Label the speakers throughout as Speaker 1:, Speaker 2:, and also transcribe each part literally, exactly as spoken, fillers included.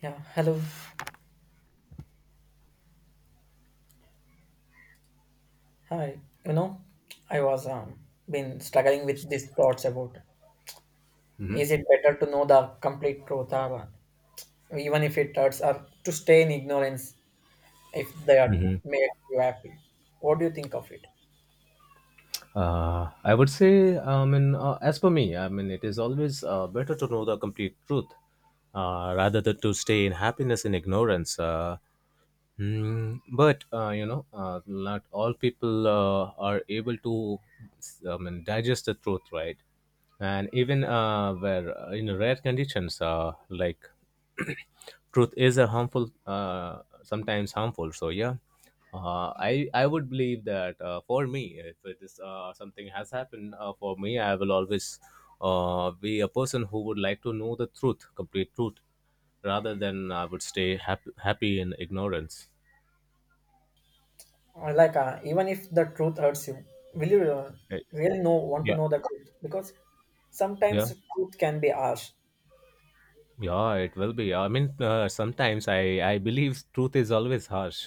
Speaker 1: Yeah, hello. Hi. You know, I was um been struggling with these thoughts about is it better to know the complete truth or uh, even if it hurts or to stay in ignorance if they are
Speaker 2: Mhm.
Speaker 1: made you happy. What do you think of it?
Speaker 2: Uh, I would say, I mean, uh, as per me, I mean, it is always uh, better to know the complete truth uh, rather than to stay in happiness in ignorance. Uh, Mm, but uh, you know, uh, not all people uh, are able to, I mean, digest the truth, right? And even uh, where uh, in rare conditions, uh, like truth is a harmful, uh, sometimes harmful. So yeah, uh, I I would believe that uh, for me, if it is uh, something has happened uh, for me, I will always uh, be a person who would like to know the truth, complete truth rather than I would stay happy, happy in ignorance.
Speaker 1: Or like uh, even if the truth hurts you, will you uh,
Speaker 2: Eh,
Speaker 1: really know want to
Speaker 2: yeah.
Speaker 1: know the truth? Because
Speaker 2: Yeah,
Speaker 1: sometimes truth can be harsh.
Speaker 2: yeah, it will be. I mean, uh, sometimes I I believe truth is always harsh,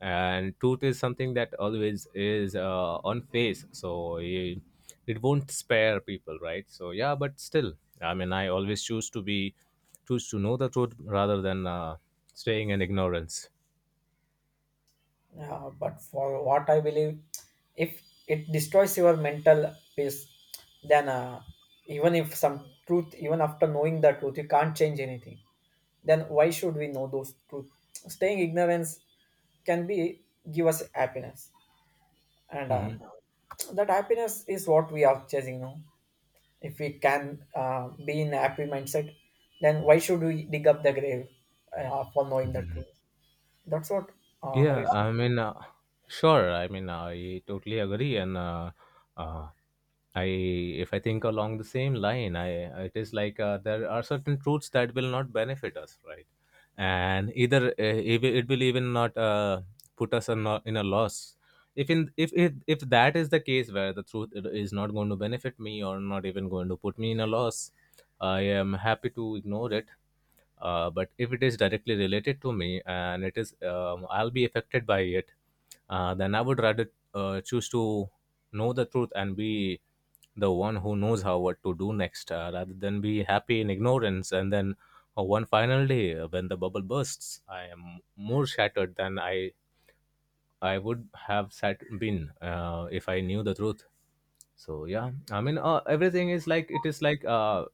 Speaker 2: and truth is something that always is uh, on face, so it, it won't spare people, right? So yeah, but still, I mean, I always choose to be choose to know the truth rather than uh, staying in ignorance.
Speaker 1: Uh, but for what I believe, if it destroys your mental peace, then uh, even if some truth, even after knowing the truth, you can't change anything. Then why should we know those truth? Staying ignorance can be give us happiness, and uh,
Speaker 2: Mhm.
Speaker 1: that happiness is what we are chasing now. If we can uh, be in a happy mindset, then why should we dig up the grave uh, for knowing the
Speaker 2: Mhm.
Speaker 1: truth? That's what uh, I would
Speaker 2: Yeah, I mean, uh, sure. I mean, uh, I totally agree, and uh, uh, I, if I think along the same line, I it is like uh, there are certain truths that will not benefit us, right? And either uh, it will it will even not uh, put us in a, in a loss. If in if, if if that is the case where the truth it is not going to benefit me or not even going to put me in a loss, I am happy to ignore it, uh, but if it is directly related to me and it is um, I'll be affected by it, uh, then I would rather uh, choose to know the truth and be the one who knows how what to do next, uh, rather than be happy in ignorance and then uh, one final day uh, when the bubble bursts I am more shattered than i I would have sat been, uh, if I knew the truth. So yeah, I mean, uh, everything is like it is like uh,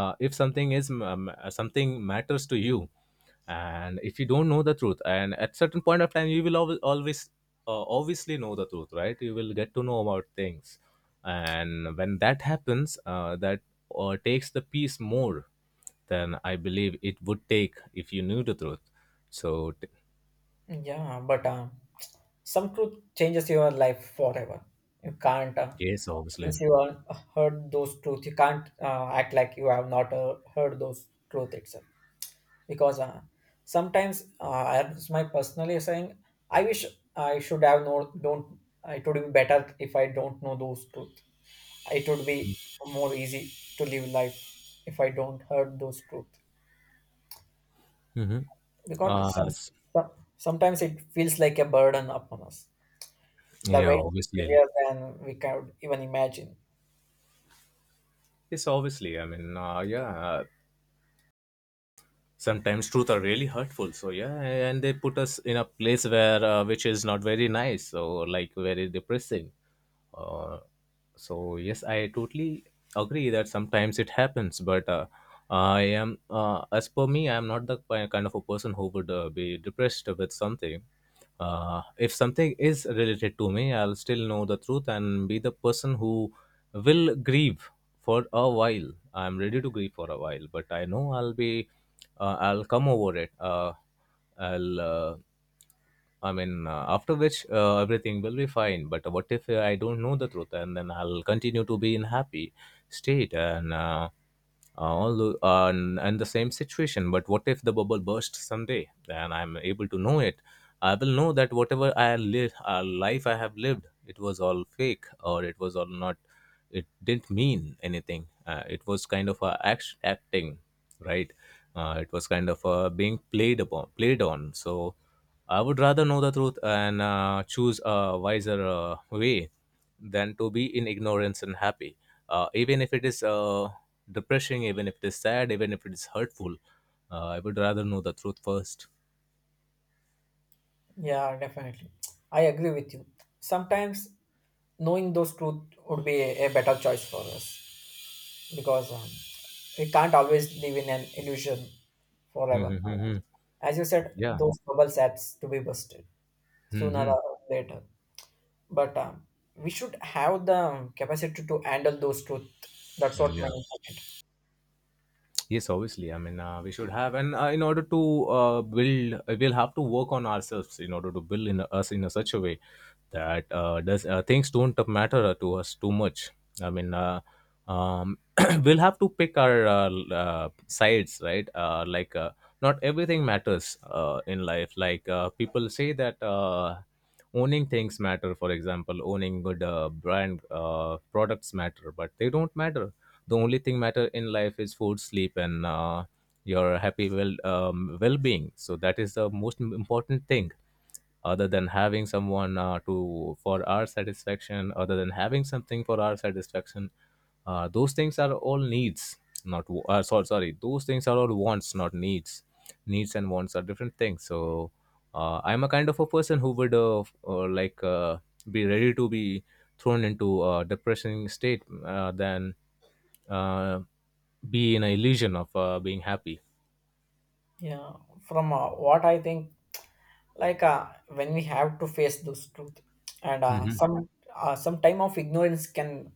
Speaker 2: uh, if something is um, something matters to you, and if you don't know the truth and at certain point of time you will always, always uh, obviously know the truth, right? You will get to know about things, and when that happens, uh, that uh, takes the peace more than I believe it would take if you knew the truth. so t-
Speaker 1: say. Yeah, but. Uh, some truth changes your life forever. You can't uh,
Speaker 2: yes, obviously.
Speaker 1: once you have heard those truth, you can't uh, act like you have not uh, heard those truth itself. Because uh, sometimes, uh, as my personally saying, I wish I should have no don't. It would be better if I don't know those truth. It would be more easy to live life if I don't heard those truth.
Speaker 2: Mm-hmm.
Speaker 1: Because
Speaker 2: uh,
Speaker 1: some,
Speaker 2: s-
Speaker 1: some- sometimes it feels like a burden upon us. The
Speaker 2: yeah,
Speaker 1: weight is
Speaker 2: obviously.
Speaker 1: heavier than we can even imagine.
Speaker 2: Yes, obviously. I mean, uh, yeah. uh, sometimes truth are really hurtful. So yeah, and they put us in a place where uh, which is not very nice. So like very depressing. Uh, so yes, I totally agree that sometimes it happens. But uh, I am, uh, as per me, I am not the ki- kind of a person who would uh, be depressed with something, uh, if something is related to me I'll still know the truth and be the person who will grieve for a while. I'm ready to grieve for a while, but I know I'll be, uh, I'll come over it, uh, i'll uh, I mean, uh, after which uh, everything will be fine. But what if uh, I don't know the truth and then I'll continue to be in happy state and uh, uh, all the, uh, and, and the same situation. But what if the bubble bursts someday and I'm able to know it? I will know that whatever I live, uh, life I have lived, it was all fake or it was all not, it didn't mean anything, uh, it was kind of a act- acting, right? Uh, it was kind of uh, being played upon played on. So I would rather know the truth and uh, choose a wiser uh, way than to be in ignorance and happy, uh, even if it is uh, depressing, even if it is sad, even if it is hurtful. uh, I would rather know the truth first.
Speaker 1: Yeah, definitely. I agree with you. Sometimes knowing those truth would be a, a better choice for us because um, we can't always live in an illusion forever. As you said,
Speaker 2: Yeah.
Speaker 1: those bubbles have to be busted
Speaker 2: Hmm,
Speaker 1: sooner
Speaker 2: hmm.
Speaker 1: or later. But um, we should have the capacity to handle those truth. That's what my
Speaker 2: Yeah.
Speaker 1: point.
Speaker 2: Yes, obviously. I mean, uh, we should have, and uh, in order to uh, build, uh, we'll have to work on ourselves in order to build in us in a such a way that uh, does uh, things don't matter to us too much. I mean, uh, um, we'll have to pick our uh, l- uh, sides, right? Uh, like, uh, not everything matters uh, in life. Like uh, people say that uh, owning things matter. For example, owning good uh, brand uh, products matter, but they don't matter. The only thing matter in life is food, sleep, and uh, your happy well um, well-being. So that is the most im- important thing, other than having someone uh, to for our satisfaction, other than having something for our satisfaction. Uh, those things are all needs, not wa- uh, sorry, sorry, those things are all wants, not needs. Needs and wants are different things. So uh, I'm a kind of a person who would uh, f- uh, like uh, be ready to be thrown into a depressing state uh, than uh, be in an illusion of uh, being happy.
Speaker 1: Yeah, from uh, what I think, like uh, when we have to face those truth and uh,
Speaker 2: Mhm,
Speaker 1: some uh, some time of ignorance can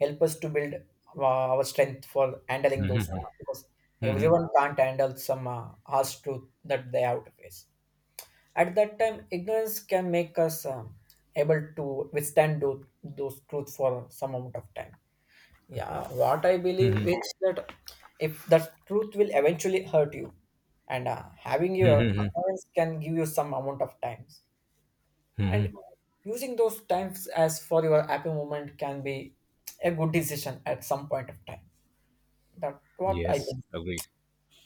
Speaker 1: help us to build uh, our strength for handling those truth because
Speaker 2: mhm,
Speaker 1: everyone can't handle some uh, harsh truth that they have to face. At that time ignorance can make us um, able to withstand those, those truth for some amount of time. Yeah, what I believe
Speaker 2: mhm,
Speaker 1: is that if the truth will eventually hurt you and uh, having your
Speaker 2: mhm, mhm,
Speaker 1: ignorance can give you some amount of times
Speaker 2: mhm.
Speaker 1: and using those times as for your happy moment can be a good decision at some point of time. That's what I
Speaker 2: Yes,
Speaker 1: think.
Speaker 2: agreed.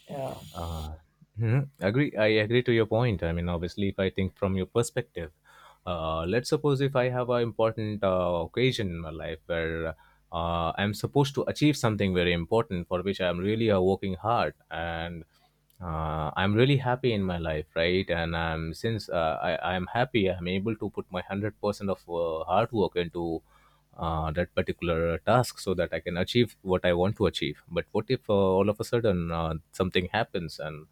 Speaker 1: Yeah,
Speaker 2: Uh, mhm. Agree. I agree to your point. I mean, obviously, if I think from your perspective, uh, let's suppose if I have an important uh, occasion in my life where uh, I'm supposed to achieve something very important for which I'm really uh, working hard and uh, I'm really happy in my life, right? And I'm since uh, I, I'm happy, I'm able to put my hundred percent of uh, hard work into uh, that particular task so that I can achieve what I want to achieve. But what if uh, all of a sudden uh, something happens and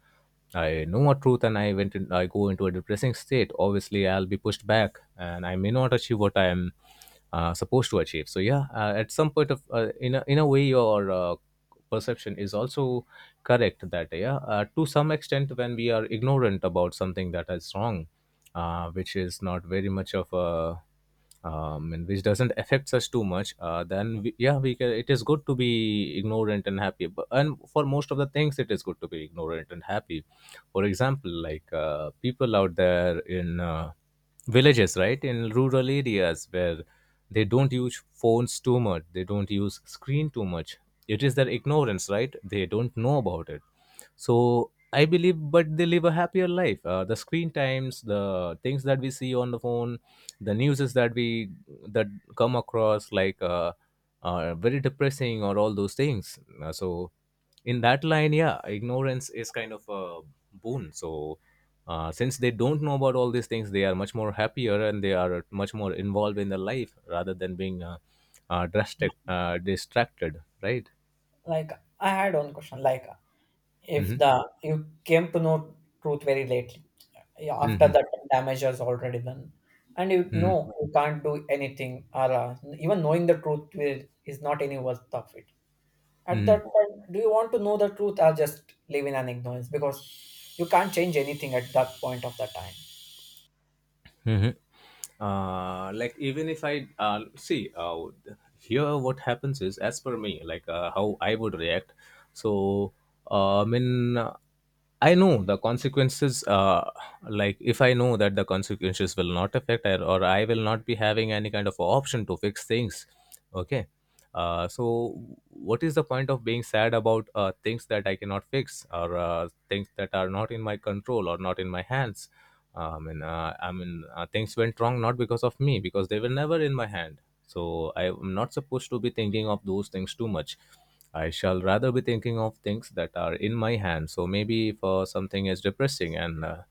Speaker 2: I know a truth and I went in, I go into a depressing state. Obviously, I'll be pushed back and I may not achieve what I am uh, supposed to achieve. So yeah, uh, at some point of uh, in a, in a way your uh, perception is also correct, that yeah, uh, to some extent when we are ignorant about something that is wrong, uh, which is not very much of a um, and which doesn't affects us too much, uh, then we, yeah we can, it is good to be ignorant and happy. But, and for most of the things, it is good to be ignorant and happy. For example, like uh, people out there in uh, villages, right, in rural areas where they don't use phones too much, they don't use screen too much. It is their ignorance, right? They don't know about it, so I believe but they live a happier life. Uh, the screen times, the things that we see on the phone, the news is that we that come across like uh, uh, very depressing or all those things. Uh, so in that line, yeah, ignorance is kind of a boon. So uh, since they don't know about all these things, they are much more happier and they are much more involved in their life rather than being uh, uh, drastic, uh, distracted, right?
Speaker 1: like I had one question. Like, if
Speaker 2: Mm-hmm.
Speaker 1: the you came to know truth very lately, yeah, after
Speaker 2: Mm-hmm.
Speaker 1: that damage has already done and you
Speaker 2: Mm-hmm.
Speaker 1: know you can't do anything or uh, even knowing the truth will, is not any worth of it, at
Speaker 2: Mm-hmm.
Speaker 1: that point do you want to know the truth or just live in an ignorance because you can't change anything at that point of the time?
Speaker 2: Mhm. Uh, like even if I uh, see uh, here, what happens is as per me, like uh, how I would react. So uh, I mean, uh, I know the consequences. Uh, like if I know that the consequences will not affect, I, or I will not be having any kind of option to fix things. Okay, uh, so, what is the point of being sad about uh, things that I cannot fix or uh, things that are not in my control or not in my hands? Uh, I mean, uh, I mean, uh, things went wrong not because of me, because they were never in my hand. So I am not supposed to be thinking of those things too much. I shall rather be thinking of things that are in my hand. So maybe if uh, something is depressing and uh,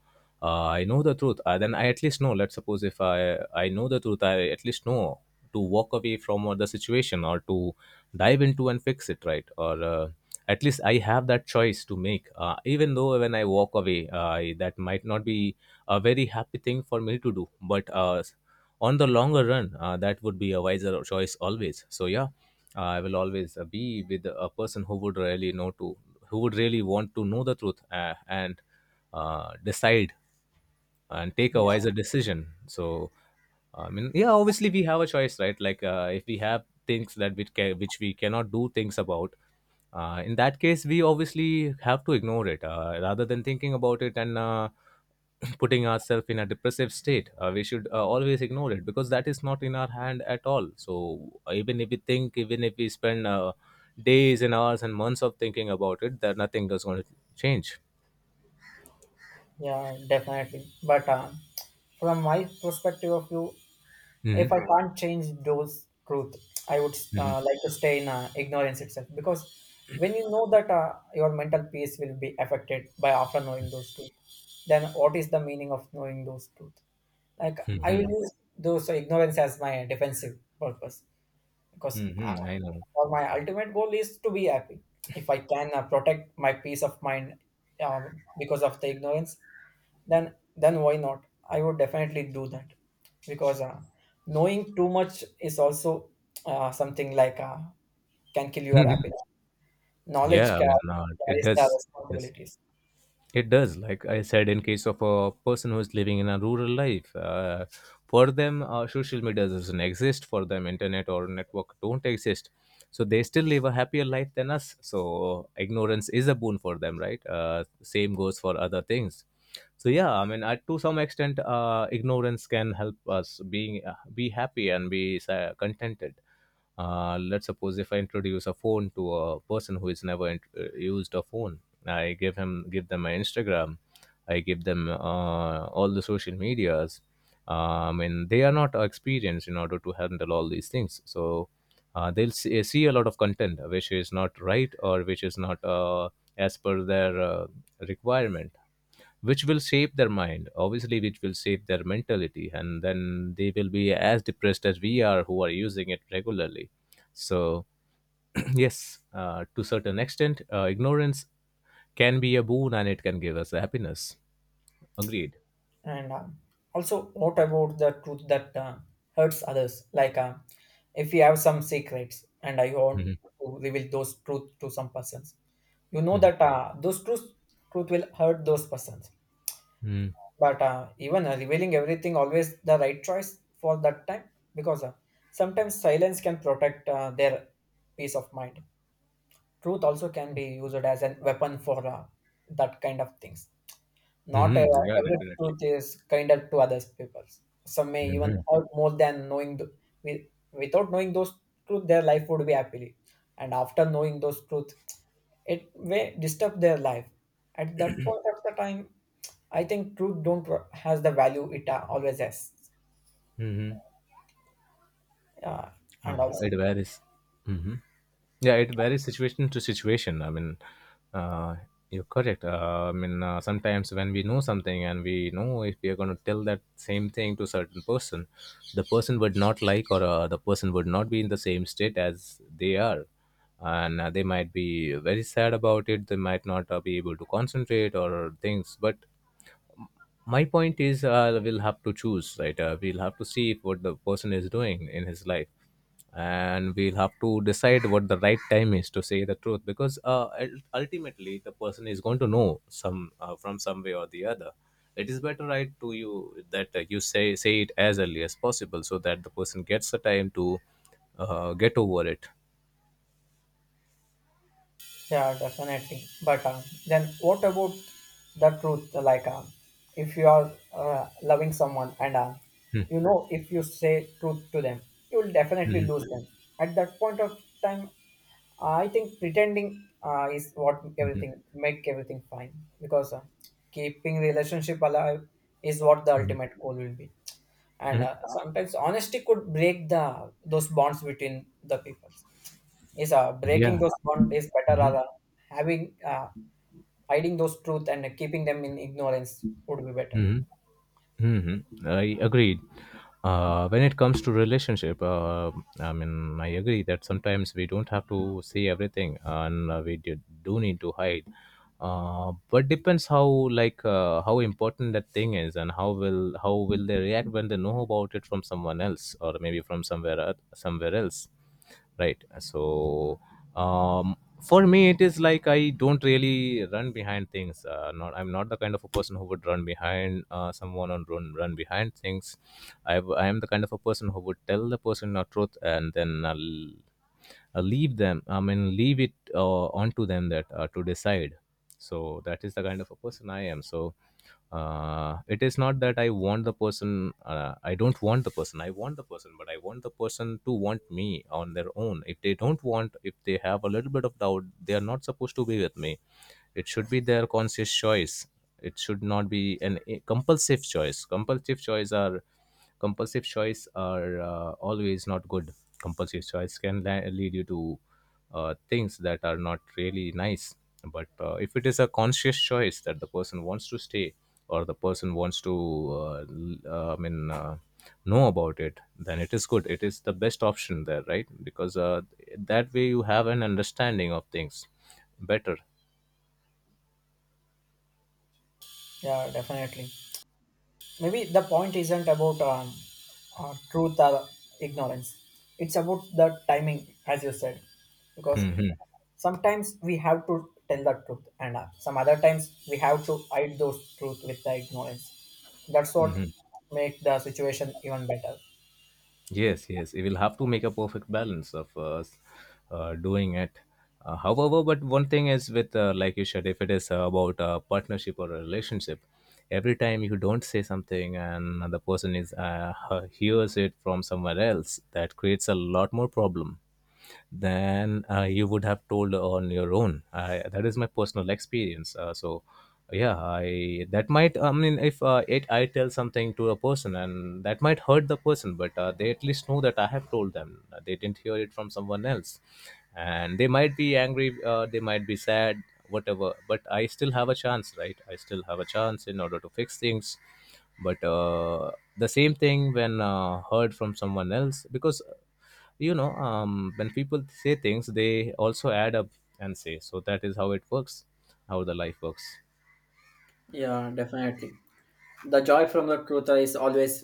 Speaker 2: uh, I know the truth, uh, then I at least know. Let's suppose if I I know the truth, I at least know to walk away from uh, the situation or to dive into and fix it, right? Or uh, at least I have that choice to make. Uh, even though when I walk away, uh, I, that might not be a very happy thing for me to do, but uh, on the longer run, uh, that would be a wiser choice always. So yeah, uh, I will always uh, be with a person who would really know to, who would really want to know the truth uh, and uh, decide and take a wiser decision. So I mean, yeah, obviously we have a choice, right? Like uh, if we have things that we ca- which we cannot do things about, uh, in that case we obviously have to ignore it, uh, rather than thinking about it and uh, putting ourselves in a depressive state. Uh, we should uh, always ignore it because that is not in our hand at all. So even if we think, even if we spend uh, days and hours and months of thinking about it, that nothing is going to change.
Speaker 1: Yeah, definitely. But uh, from my perspective of view, if
Speaker 2: Mm-hmm.
Speaker 1: I can't change those truth, I would
Speaker 2: Mm-hmm.
Speaker 1: uh, like to stay in uh, ignorance itself because when you know that uh, your mental peace will be affected by after knowing those truth, then what is the meaning of knowing those truth? Like I will use those ignorance as my defensive purpose because uh,
Speaker 2: Mm-hmm. I know.
Speaker 1: for my ultimate goal is to be happy. If I can uh, protect my peace of mind uh, because of the ignorance, then then why not, I would definitely do that because uh, knowing too much is also uh, something like uh, can kill your happiness. Knowledge
Speaker 2: Yeah, I mean,
Speaker 1: ca-
Speaker 2: uh, it
Speaker 1: carries the
Speaker 2: does. It does.
Speaker 1: responsibilities.
Speaker 2: It does. Like I said, in case of a person who is living in a rural life, uh, for them, uh, social media doesn't exist. For them, internet or network don't exist. So they still live a happier life than us. So ignorance is a boon for them, right? Uh, same goes for other things. So yeah, I mean, uh, to some extent, uh, ignorance can help us being uh, be happy and be uh, contented. Uh, let's suppose if I introduce a phone to a person who has never int- uh, used a phone, I give him give them my Instagram, I give them uh, all the social medias. Um, and they are not experienced in order to handle all these things, so uh, they'll see, uh, see a lot of content which is not right or which is not uh, as per their uh, requirement, which will shape their mind, obviously, which will shape their mentality, and then they will be as depressed as we are who are using it regularly. So yes, uh, to certain extent, uh, ignorance can be a boon and it can give us happiness. Agreed.
Speaker 1: And uh, also, what about the truth that uh, hurts others? Like uh, if you have some secrets and I want
Speaker 2: Hmm.
Speaker 1: to reveal those truth to some persons, you know that uh, those truth truth will hurt those persons.
Speaker 2: Hmm.
Speaker 1: But uh, even uh, revealing everything always the right choice for that time, because uh, sometimes silence can protect uh, their peace of mind. Truth also can be used as a weapon for uh, that kind of things. Not uh,
Speaker 2: Hmm. Yeah,
Speaker 1: every
Speaker 2: definitely.
Speaker 1: truth is kinder to others people. Some may even
Speaker 2: Hmm.
Speaker 1: hurt more than knowing the, with, without knowing those truth their life would be happily, and after knowing those truth it may disturb their life. At that point of the time, I think truth don't wa- has the value it uh, always has,
Speaker 2: Hmm.
Speaker 1: uh, and
Speaker 2: Uh,
Speaker 1: also.
Speaker 2: it varies. Hmm. Yeah, it varies situation to situation. I mean, uh, you're correct. Uh, I mean, uh, sometimes when we know something and we know if we are going to tell that same thing to certain person, the person would not like, or uh, the person would not be in the same state as they are. And uh, they might be very sad about it. They might not uh, be able to concentrate or things. But my point is, uh, we'll have to choose, right? Uh, we'll have to see what the person is doing in his life, and we'll have to decide what the right time is to say the truth, because uh, ul- ultimately the person is going to know some uh, from some way or the other. It is better, right, to you, that uh, you say say it as early as possible, so that the person gets the time to uh, get over it.
Speaker 1: Yeah, definitely. But um, then what about the truth? Like um, if you are uh, loving someone and um, you know if you say truth to them, you will definitely
Speaker 2: Mhm,
Speaker 1: lose them. At that point of time, I think pretending uh, is what
Speaker 2: mhm,
Speaker 1: everything make everything fine, because uh, keeping relationship alive is what the ultimate goal will be. And
Speaker 2: mhm.
Speaker 1: uh, sometimes honesty could break the those bonds between the people. Is uh, breaking
Speaker 2: Yeah.
Speaker 1: those bonds is better,
Speaker 2: Mhm,
Speaker 1: rather having uh, hiding those truth and keeping them in ignorance would be better.
Speaker 2: mhm. Hmm. I agreed. Uh, when it comes to relationship, uh, I mean, I agree that sometimes we don't have to say everything, and uh, we do, do need to hide. Uh, but depends how like uh, how important that thing is, and how will how will they react when they know about it from someone else, or maybe from somewhere oth- somewhere else, right? So um for me it is like, I don't really run behind things. Uh, not I'm not the kind of a person who would run behind uh, someone or run run behind things. I i am the kind of a person who would tell the person the truth, and then I'll uh, leave them, I mean, leave it uh, onto them, that uh, to decide. So that is the kind of a person I am. So uh, it is not that I want the person. uh, I don't want the person, I want the person, but I want the person to want me on their own. If they don't want, if they have a little bit of doubt, they are not supposed to be with me. It should be their conscious choice. It should not be an a compulsive choice. Compulsive choice are compulsive choice are uh, always not good. Compulsive choice can la- lead you to uh, things that are not really nice. But uh, if it is a conscious choice that the person wants to stay or the person wants to uh, l- uh, i mean uh, know about it, then it is good, it is the best option there, right? Because uh, that way you have an understanding of things better.
Speaker 1: Yeah, definitely. Maybe the point isn't about um, uh, truth or ignorance. It's about the timing, as you said, because sometimes we have to tell the truth and uh, some other times we have to hide those truth with the ignorance. That's what make the situation even better.
Speaker 2: Yes, yes, we will have to make a perfect balance of uh, s- uh, doing it. Uh, however, but one thing is with, uh, like you said, if it is uh, about a partnership or a relationship, every time you don't say something and the person is uh, hears it from somewhere else, that creates a lot more problem than uh, you would have told on your own. I, that is my personal experience. Uh, so, yeah, I that might. I mean, if uh, it, I tell something to a person and that might hurt the person, but uh, they at least know that I have told them. Uh, They didn't hear it from someone else, and they might be angry. Uh, they might be sad, whatever. But I still have a chance, right? I still have a chance in order to fix things. But uh, the same thing when uh, heard from someone else, because you know, um, when people say things, they also add up and say. So that is how it works, how the life works.
Speaker 1: Yeah, definitely. The joy from the truth is always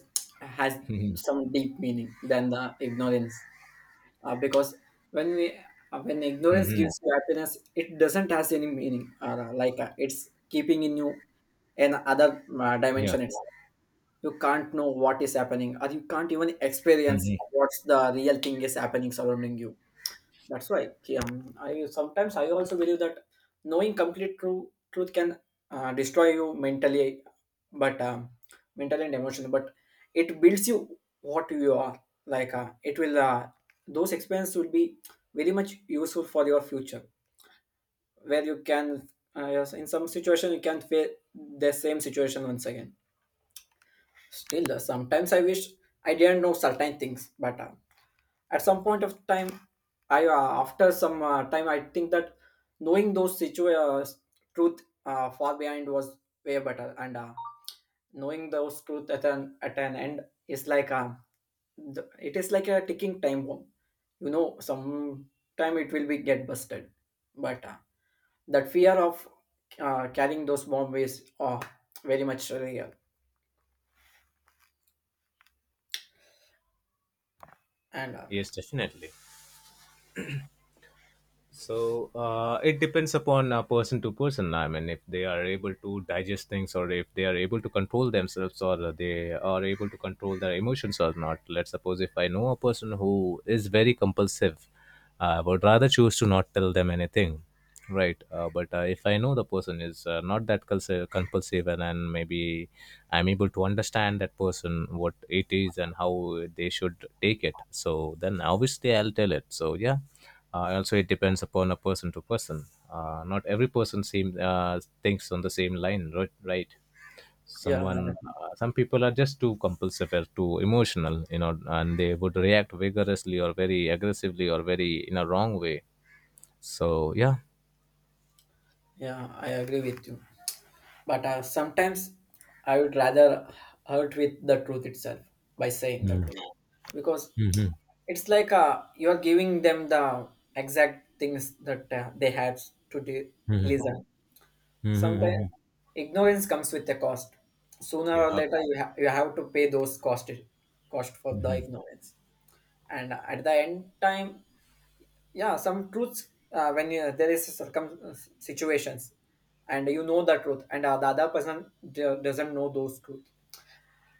Speaker 1: has some deep meaning than the ignorance. uh, because when we uh, when ignorance gives you happiness it doesn't has any meaning or uh, like uh, it's keeping in you an other uh,
Speaker 2: Yeah.
Speaker 1: dimension itself. You can't know what is happening or you can't even experience what's the real thing is happening surrounding you. That's why um, I sometimes I also believe that knowing complete true truth can uh, destroy you mentally, but um, mentally and emotionally. But it builds you what you are. Like uh, it will uh, those experiences will be very much useful for your future, where you can uh, yes, in some situation you can face the same situation once again. Still, uh, sometimes I wish I didn't know certain things, but uh, at some point of time I uh, after some uh, time I think that knowing those situations truth uh, far behind was way better, and uh, knowing those truth at an at an end is like a the- it is like a ticking time bomb. You know sometime it will be get busted, but uh, that fear of uh, carrying those bomb is uh, very much real. and uh,
Speaker 2: Yes, definitely. So uh, it depends upon uh, person to person. I mean, if they are able to digest things, or if they are able to control themselves, or they are able to control their emotions or not. Let's suppose if I know a person who is very compulsive, I would rather choose to not tell them anything, right? Uh, but uh, if I know the person is uh, not that culs- compulsive, and then maybe I'm able to understand that person what it is and how they should take it, so then obviously I'll tell it. So yeah, uh, also it depends upon a person to person. Uh, not every person seems uh, thinks on the same line, right? Right.
Speaker 1: yeah
Speaker 2: Someone, uh, some people are just too compulsive or too emotional, you know, and they would react vigorously or very aggressively or very in a wrong way. So yeah.
Speaker 1: yeah I agree with you, but uh, sometimes I would rather hurt with the truth itself by saying the
Speaker 2: Mm.
Speaker 1: truth, because
Speaker 2: Mhm.
Speaker 1: it's like uh, you are giving them the exact things that uh, they have to do,
Speaker 2: Mhm.
Speaker 1: listen.
Speaker 2: Mhm,
Speaker 1: Sometimes
Speaker 2: mhm.
Speaker 1: ignorance comes with a cost. Sooner
Speaker 2: Yeah.
Speaker 1: or later you, ha- you have to pay those cost, cost for the
Speaker 2: Mhm.
Speaker 1: ignorance. And at the end time, yeah, some truths uh, when you, there is circum situations, and you know the truth and uh, the other person do- doesn't know those truth,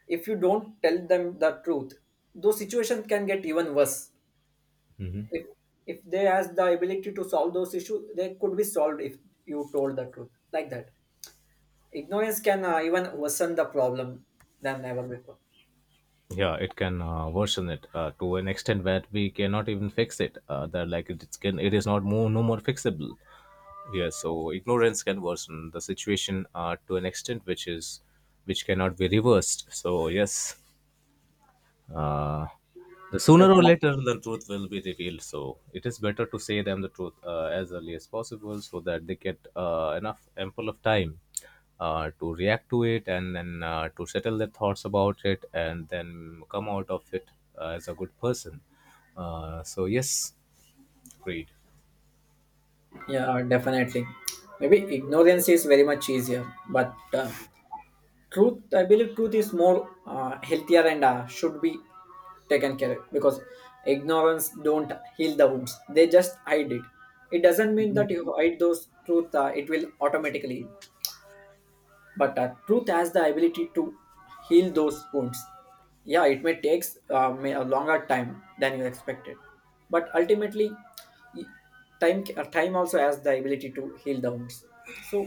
Speaker 1: if you don't tell them the truth those situations can get even worse.
Speaker 2: Mhm.
Speaker 1: if if they has the ability to solve those issues they could be solved. If you told the truth like that, ignorance can uh, even worsen the problem than ever before.
Speaker 2: Yeah, it can uh, worsen it uh, to an extent that we cannot even fix it. Uh, that like it, it's can it is not more no more fixable. Yeah, so ignorance can worsen the situation uh, to an extent which is, which cannot be reversed. So yes, uh, the sooner or
Speaker 1: Definitely.
Speaker 2: later, the truth will be revealed. So it is better to say them the truth uh, as early as possible, so that they get uh, enough ample of time uh, to react to it, and then uh, to settle their thoughts about it and then come out of it uh, as a good person. Uh, so yes, great.
Speaker 1: Yeah, definitely. Maybe ignorance is very much easier, but uh, truth, I believe truth is more uh, healthier and uh, should be taken care of, because ignorance don't heal the wounds, they just hide it. It doesn't mean that you hide those truth uh, it will automatically. But uh, truth has the ability to heal those wounds. Yeah, it may take uh, may a longer time than you expected, but ultimately y- time ca- time also has the ability to heal the wounds. So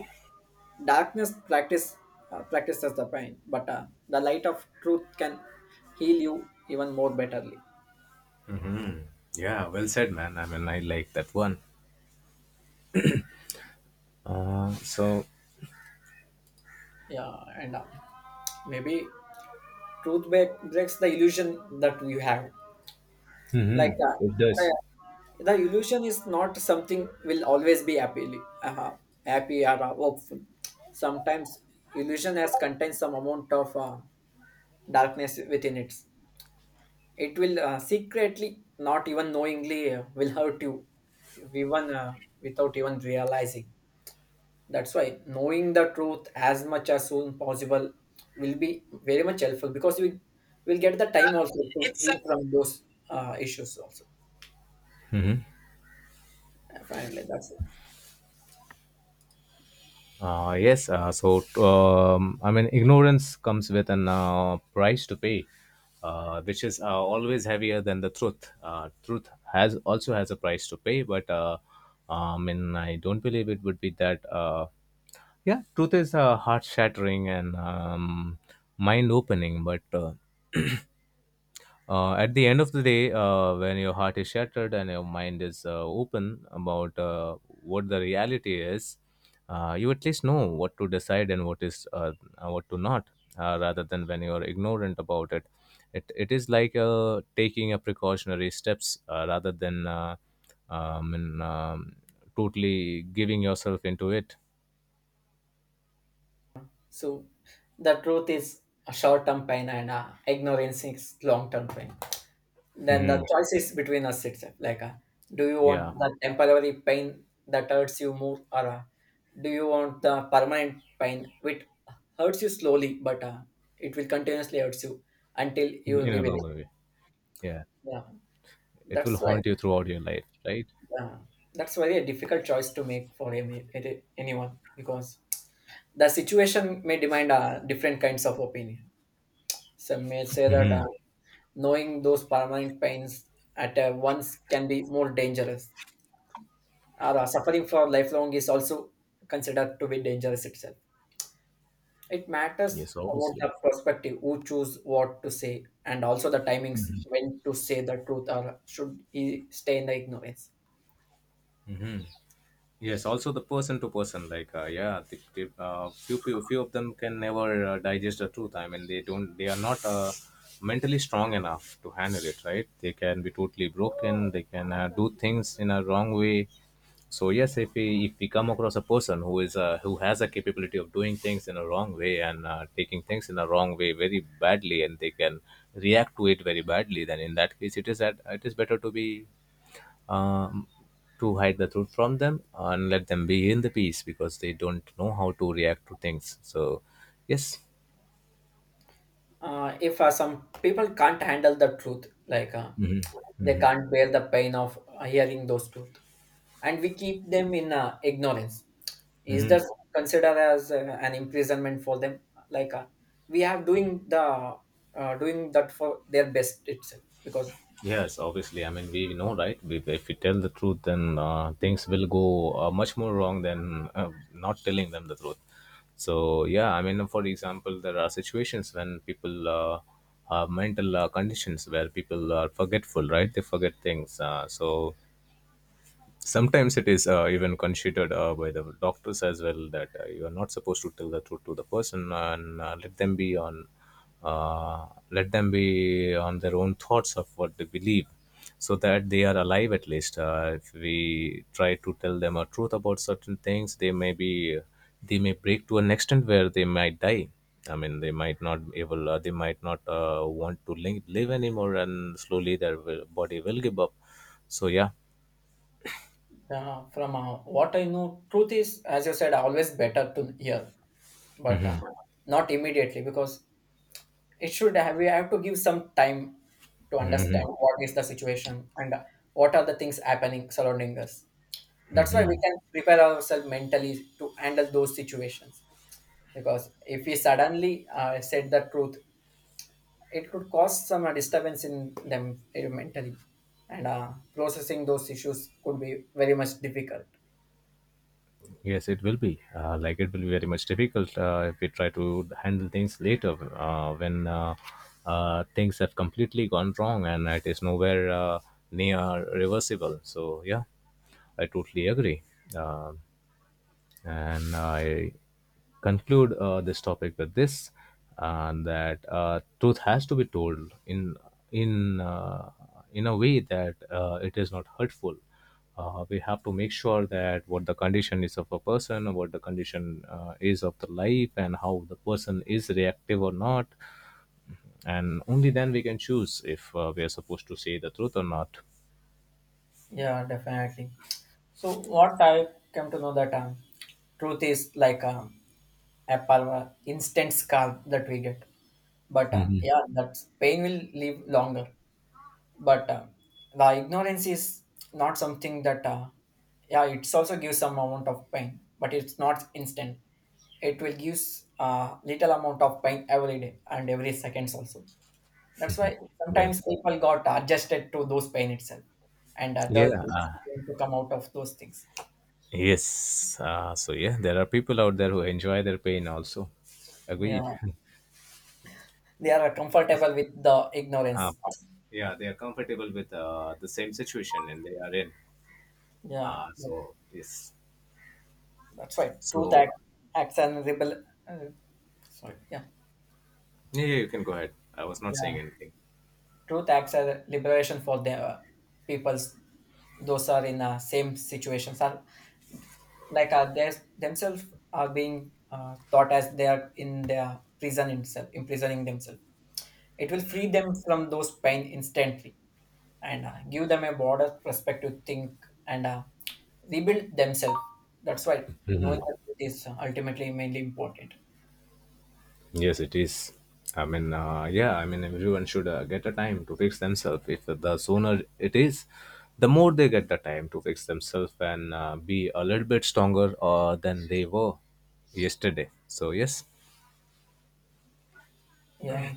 Speaker 1: darkness practice uh, practices the pain, but uh, the light of truth can heal you even more betterly.
Speaker 2: Yeah, well said, man. I mean, I like that one. Uh, so
Speaker 1: Yeah, and uh, maybe truth break, breaks the illusion that you have, like that.
Speaker 2: it does.
Speaker 1: Yeah. The illusion is not something will always be happy. uh, happy or uh, hopeful. Sometimes illusion has contains some amount of uh, darkness within it. It will uh, secretly, not even knowingly, uh, will hurt you, even uh, without even realizing. That's why knowing the truth as much as soon possible will be very much helpful, because we will get the time also to heal from those uh, issues also. Uh, Finally, that's it.
Speaker 2: Uh, yes, uh, so um, I mean, ignorance comes with an uh, price to pay, uh, which is uh, always heavier than the truth. Uh, truth has also has a price to pay, but uh, I mean, I don't believe it would be that. Uh, yeah, truth is uh, heart shattering and um, mind opening, but uh, uh, at the end of the day, uh, when your heart is shattered and your mind is uh, open about uh, what the reality is, uh, you at least know what to decide, and what is uh, uh, what to not, uh, rather than when you are ignorant about it. It it is like uh, taking a precautionary steps uh, rather than uh, um, and, um, totally giving yourself into it.
Speaker 1: So the truth is a short-term pain and uh, ignorance is long-term pain. Then the
Speaker 2: Hmm.
Speaker 1: choice is between us itself. Like, uh, do you want
Speaker 2: Yeah,
Speaker 1: the temporary pain that hurts you more, or uh, do you want the permanent pain which hurts you slowly, but uh, it will continuously hurts you until you
Speaker 2: in a
Speaker 1: reveal it?
Speaker 2: longer way. Yeah,
Speaker 1: Yeah,
Speaker 2: it will
Speaker 1: that's why.
Speaker 2: haunt you throughout your life, right?
Speaker 1: Uh, that's very a difficult choice to make for any, any- anyone, because the situation may demand uh, different kinds of opinion. Some may say that.
Speaker 2: Hmm.
Speaker 1: Uh, Knowing those permanent pains at uh, once can be more dangerous. Or uh, suffering for lifelong is also considered to be dangerous itself. It matters
Speaker 2: Yes,
Speaker 1: about
Speaker 2: obviously.
Speaker 1: the perspective, who choose what to say, and also the timings when to say the truth or should he stay in the ignorance.
Speaker 2: Hmm. Yes, also the person to person, like uh, yeah, the th- uh, few people, few of them can never uh, digest the truth. I mean, they don't, they are not uh, mentally strong enough to handle it, right? They can be totally broken. They can uh, do things in a wrong way. So yes, if we if we come across a person who is uh, who has a capability of doing things in a wrong way, and uh, taking things in a wrong way very badly, and they can react to it very badly, then in that case, it is that it is better to be um, to hide the truth from them, and let them be in the peace, because they don't know how to react to things. So, yes.
Speaker 1: Uh, if uh, some people can't handle the truth, like uh, they can't bear the pain of uh, hearing those truth, and we keep them in uh, ignorance, is that
Speaker 2: Hmm.
Speaker 1: considered as uh, an imprisonment for them? Like uh, we have doing the uh, doing that for their best itself because
Speaker 2: Yes, obviously. I mean, we know, right? We, if we tell the truth, then uh, things will go uh, much more wrong than uh, not telling them the truth. So, yeah, I mean, for example, there are situations when people uh, have mental uh, conditions where people are forgetful, right? They forget things. Uh, so sometimes it is uh, even considered uh, by the doctors as well, that uh, you are not supposed to tell the truth to the person, and uh, let them be on, uh, let them be on their own thoughts of what they believe, so that they are alive at least. Uh, if we try to tell them a truth about certain things, they may be they may break to an extent where they might die. I mean, they might not able uh, they might not uh, want to link, live anymore, and slowly their will, body will give up. So yeah.
Speaker 1: uh, from uh, what I know, truth is, as you said, always better to hear, but uh, not immediately, because it should have we have to give some time to understand
Speaker 2: Mhm.
Speaker 1: what is the situation and uh, what are the things happening surrounding us. That's why we
Speaker 2: Hmm.
Speaker 1: can prepare ourselves mentally to handle those situations, because if we suddenly uh, said the truth it could cause some uh, disturbance in them uh, mentally, and uh, processing those issues could be very much difficult.
Speaker 2: Yes, it will be. Uh, like it will be very much difficult uh, if we try to handle things later, uh, when uh, uh, things have completely gone wrong and it is nowhere uh, near reversible. So yeah, I totally agree. Um and I conclude uh, this topic with this, and that uh, truth has to be told in, in uh, in a way that uh, it is not hurtful. Uh, we have to make sure that what the condition is of a person, what the condition uh, is of the life, and how the person is reactive or not, and only then we can choose if uh, we are supposed to say the truth or not.
Speaker 1: Yeah, definitely. So what I came to know that um, truth is like um, a palma instant calm that we get, but uh,
Speaker 2: Mhm.
Speaker 1: yeah that pain will live longer. But uh, the ignorance is not something that uh, yeah it's also gives some amount of pain, but it's not instant. It will give a little amount of pain every day and every seconds also. That's why
Speaker 2: Yeah,
Speaker 1: sometimes people got adjusted to those pain itself, and adults
Speaker 2: yeah.
Speaker 1: is going to come out of those things.
Speaker 2: Yes. Uh, so yeah, there are people out there who enjoy their pain also. Agreed.
Speaker 1: Yeah, they are comfortable with the
Speaker 2: Uh,
Speaker 1: ignorance.
Speaker 2: yeah, they are comfortable with uh, the same situation and they are in.
Speaker 1: Yeah,
Speaker 2: Uh, so yes.
Speaker 1: that's right. Truth
Speaker 2: So
Speaker 1: act acts and rebel, uh, sorry. Yeah,
Speaker 2: yeah, yeah, you can go ahead. I was not
Speaker 1: yeah,
Speaker 2: saying anything.
Speaker 1: truth acts as a liberation for the uh, peoples those are in the uh, same situations are, like uh, they themselves are being uh, taught as they are in their prison itself imprisoning themselves. It will free them from those pain instantly, and uh, give them a broader perspective to think and uh, rebuild themselves. That's why knowing the truth is ultimately mainly important.
Speaker 2: Yes, it is. I mean, uh, yeah, I mean, everyone should uh, get a time to fix themselves. If the sooner it is, the more they get the time to fix themselves, and uh, be a little bit stronger uh, than they were yesterday. So, yes.
Speaker 1: Yeah.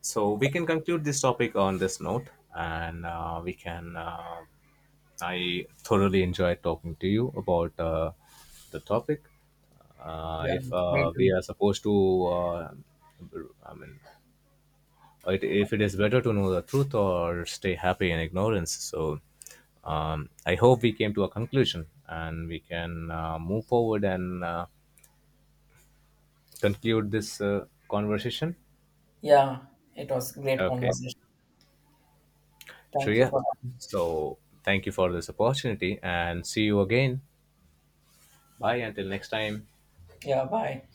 Speaker 2: So we can conclude this topic on this note, and uh, we can. Uh, I thoroughly enjoyed talking to you about uh, the topic. Uh,
Speaker 1: Yeah,
Speaker 2: if
Speaker 1: me
Speaker 2: uh, we
Speaker 1: too.
Speaker 2: are supposed to, uh, I mean, it, if it is better to know the truth or stay happy in ignorance. So um, I hope we came to a conclusion, and we can uh, move forward and uh, conclude this uh, conversation.
Speaker 1: Yeah, it was great
Speaker 2: Okay.
Speaker 1: conversation. Thank you
Speaker 2: Shreya.
Speaker 1: for.
Speaker 2: So thank you for this opportunity, and see you again. Bye until next time.
Speaker 1: Yeah, bye.